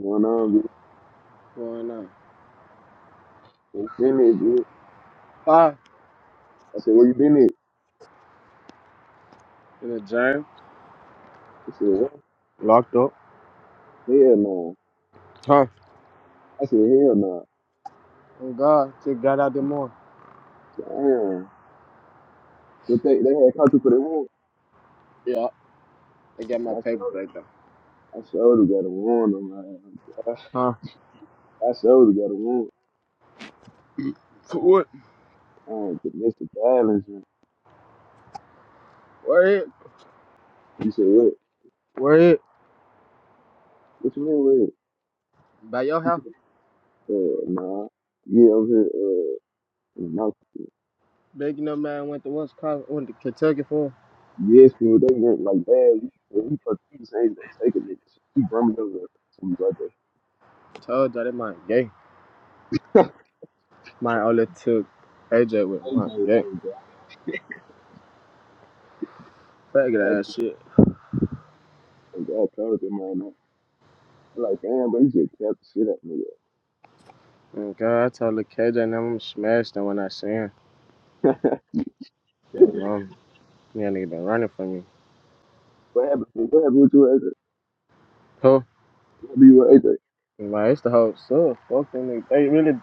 going on? bitch? Going on? You Been it, bitch? Ah, I said, where you been at? In the gym? She said, what? Locked up. Hell no. Huh? I said, hell no. Oh God, just got out the morning. Damn. But they, they had caught you for the warrant. Yeah. I got my And I paper showed back though. I showed her got a warrant on my ass. Huh? I, I showed her got a warrant For what? on domestic violence. And Where it? you said, what? Where it? What you mean with it? By your You house? said, uh, nah. Yeah, I'm here, uh, in the mouth. Big no man went to Wisconsin, went to Kentucky for him. Yes, people, they went like bad. We, we fucked you, this ain't gonna take it, nigga. She brummed over to me right there. Told y'all that man gay. I Man only took AJ with him. was like, Man gay. oh, God. Faggot ass shit. I told you, man. I'm like, damn, bro, you just kept the shit up, Oh God, I told the KJ and them smashed them when I seen him. nigga. You know, mom. Yeah, nigga been running from me. what happened? What happened with you, AJ? Who? What happened with AJ? Man, it's the whole stuff. Fuck them niggas. They really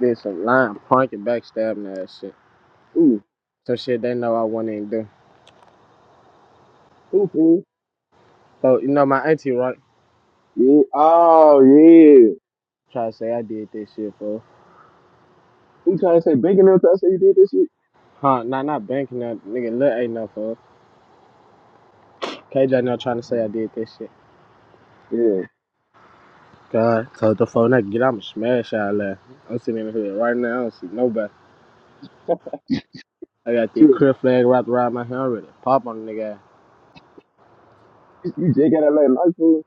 did some lying, pranking, backstabbing ass shit. Who? So shit, they know I went and do. Who, fool? So you know my auntie right Yeah. Oh, yeah. try to say I did this shit for. Who trying to say banking up? I say you did this shit? Huh? Nah, not banking that nigga. Look, ain't no for. KJ now trying to say I did this shit. Yeah. God, so the phone I get, I'ma smash y'all ass. I'm sitting in here right now. I don't see nobody. I got the True. crib flag wrapped around my hand. ready to pop on the nigga. ass. You you just got out last night, fool.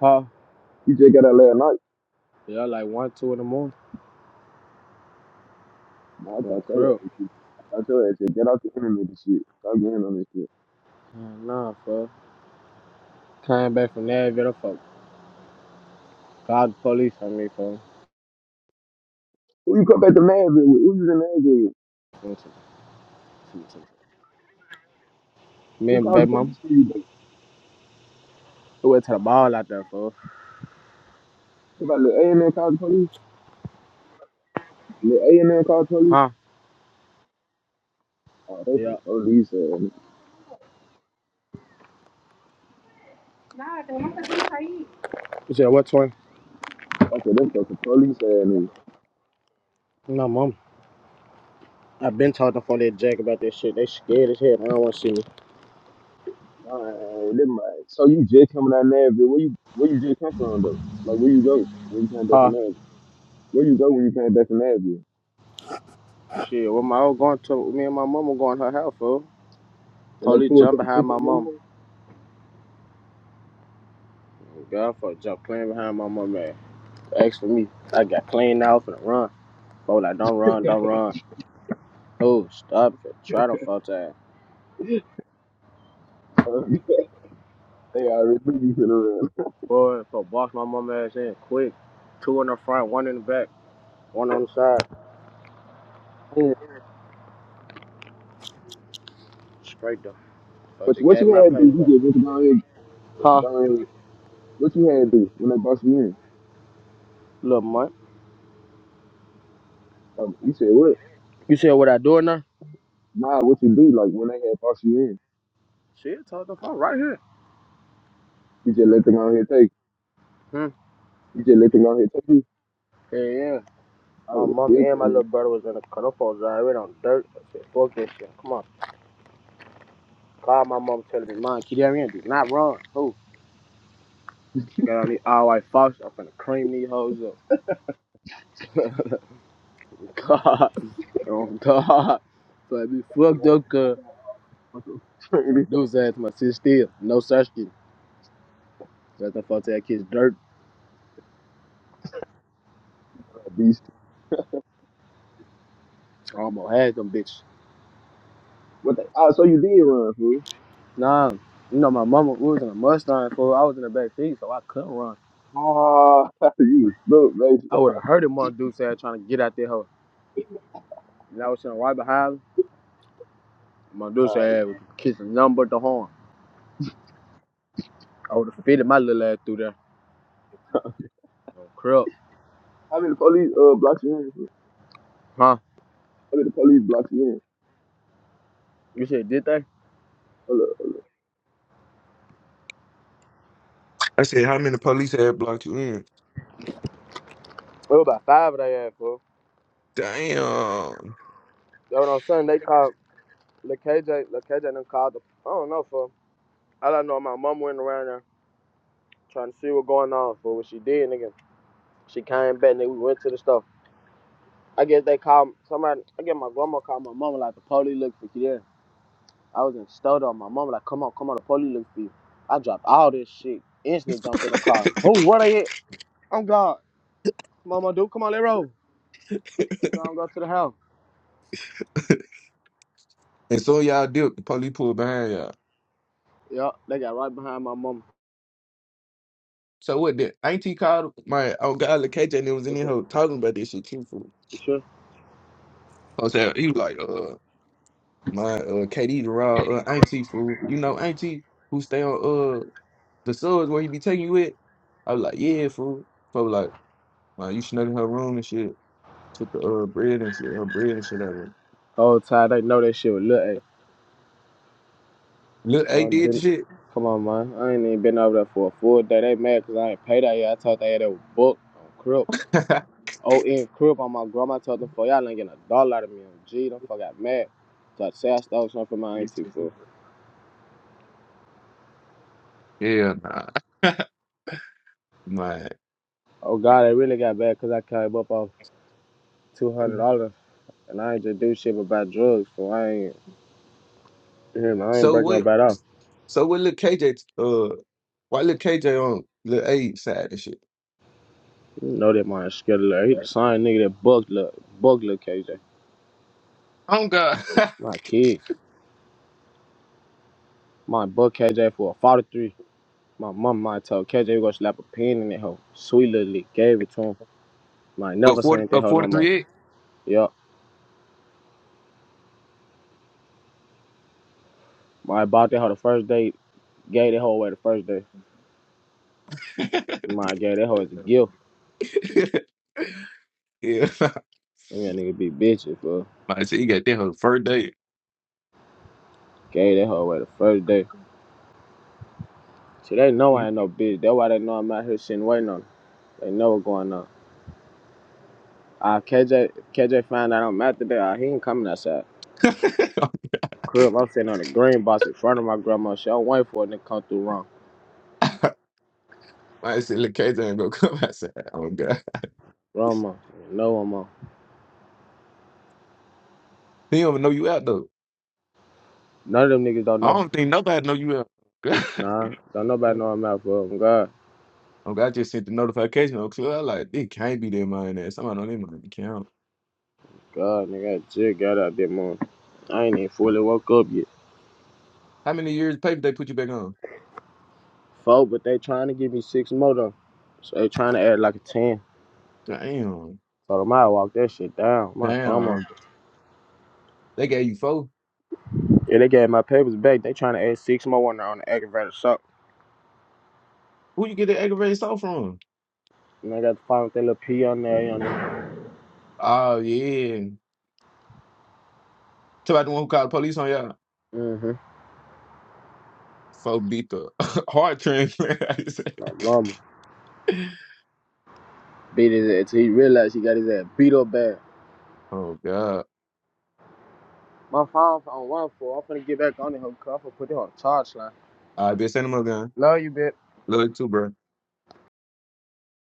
Huh? You just got out last night. Yeah, like one, two in the morning. No, I For thought your crib. ass. was- I thought your ass said, get out the internet and shit. Stop getting on this shit. Nah, for. Came back from Nashville, fuck. Called the police on me, for. Who you come back to Madville with? Who you in Madville with? Me Who and called the baby mama, police for you, baby? we went to the ball out there, for. Somebody, little A&M called the police? Little A&M called the police? Huh? Oh, that's Yeah. the police, uh, Nah, cause my cousin Kai. You said what, Twin? That's what them fucking police had me. No, mom. I've been talking for that Jack about that shit. They scared as hell. They don't want to see me. Alright, them like, so you just coming out of Nashville? Where you where you just come from though? Like where you go when you came back from Huh? Nashville? Where you go when you came back from Nashville? Shit. Well, my old going to me and my mom were going to her house, fool. And they Police pulled jumped up behind pictures my of mom. you. God, fuck, jumped clean behind my mom, man. Asked for me. I got cleaned out for the run. Boy, like, don't run, don't run. No, stop it. Try them fuck time. Uh, they already knew you sitting around. Boy, so box my mom ass in quick. Two in the front, one in the back, one on the side. Man, Straight though. So I What just what gave you my had to pay do? You back. just went down here, Huh? down here. What you had to do when they brought you in? Little mutt. Um, you said what? You said what I doing now? Nah, what you do? Like when they had brought you in, Shit, talk the phone right here. you just let them out here take. Hmm. You just let them out here take you. Yeah, yeah. I My would have mom been and my little brother was in the car. Those folks already on dirt. I said, fuck this shit. Come on. Call my mom telling me, Mom, keep that in. Do not run. Who? Got on these all white fox. I'm finna cream these hoes up. God. Oh, God. So I be fucked up, cuz. My there. dude's ass, my sister still. No such thing. Let them fuck that kid's dirt. Be I almost had them bitch. What the, ah, so you did run, fool. Nah. You know, my mama was in a Mustang, fool. I was in the back seat, so I couldn't run. Ah, you look, man. I would have heard him one dude said trying to get out there. hoe. And I was sitting right behind him. My dude's Ah, ass was kissing nothing but the horn. I would have fitted my little ass through there. Oh, crap. how many police uh blocks you in? fool? Huh? How many police blocks you in? You said, did they? It Hold up. I said, how many police had blocked you in? was about five of they had, fool. Damn. You know what I'm saying? They called, Lil KJ, Lil KJ done called the, I don't know, fool. All I know, my mom went around there trying to see what going on, fool. What she did, nigga. She came back, nigga, we went to the store. I guess they called, somebody, I guess my grandma called my mama, like, the police look for you there. I was in the store, though. My mama, like, come on, come on, the police look for you. I dropped all this shit. Instantly jumped in the car. Who, what are you? Oh God, Mama Duke, come on, let roll. I'm going to the house. And so y'all dipped, the police pulled behind y'all. Yeah, they got right behind my mama. So what did Auntie called my oh god, look, KJ and it was in What's up? here talking about this shit too fool. You sure? I said he was like, uh my uh KD the raw uh Auntie fool. You know Auntie who stay on uh the subs where he be taking you with? I was like, Yeah, fool. Folks like, well, you snuck in her room and shit. Took the uh, bread and shit, her bread and shit out of there. Whole time they know that shit was little A. Look, I A done did the been, shit. come on, man. I ain't even been over there for a full day. They mad because I ain't paid out yet. I thought they had that book on Crip. O N Crip on my grandma. I told them, for y'all ain't getting a dollar out of me on G. Them fuck got mad. So I say I stole something from my auntie for. yeah, nah, man. Oh God, they really got bad because I came up off $200 and I ain't just do shit but buy drugs. So I ain't, you hear me? I ain't So break no what? bad off. So what? Look, KJ. Uh, why look KJ on little A side and shit? You know that my scheduler. He the same nigga that bugler, bugler KJ. I My kids. My bug KJ for a 43. My mom might tell KJ we gonna slap a pin in that hoe. Sweet little lick. Gave it to him. Might never seen that hoe no more. Yup. I bought that hoe the first day. Gave that hoe away the first day. My gave that hoe as a don't- gift. yeah, Let me a nigga be bitches, bro. man. Shit, he got that her first day. Gave that hoe away the first day. See, they know I ain't no bitch. That's why they know I'm out here sitting waiting on them. They know what's going on. Uh, KJ, KJ found out I'm out today. Uh, he ain't coming outside. crib. I'm sitting on the green box in front of my grandma. She don't wait for a nigga come through wrong. I said, look, KJ ain't gonna come outside. Oh God, Wrong mom. No one mom. he don't even know you out though. None of them niggas don't I know. don't think nobody know you out. Nah, don't nobody know I'm out for them. God, Oh God, I just sent the notification on Club. I like, it can't be their mind ass. Somebody on their mind account. God, nigga, I just got out there, morning. I ain't even fully woke up yet. How many years paper they put you back on? Four, but they trying to give me six more though. So they trying to add like a ten. Damn. So the might walk that shit down. My grandma. Damn. They gave you four. Yeah, they gave my papers back. They trying to add six more on the, on the aggravated assault. Who you get the aggravated assault from? And I got to find with that little P on there. You know. Oh yeah. Tell about the one who called the police on y'all. Mm-hmm. So beat the heart transplant. My mama beat his ass till he realized he got his ass beat up bad. oh god. My phone on one four. I'm finna get back on it, hook up, and put it on the charge line. I been sending him a gun. Love you, bitch. Love you too, bro.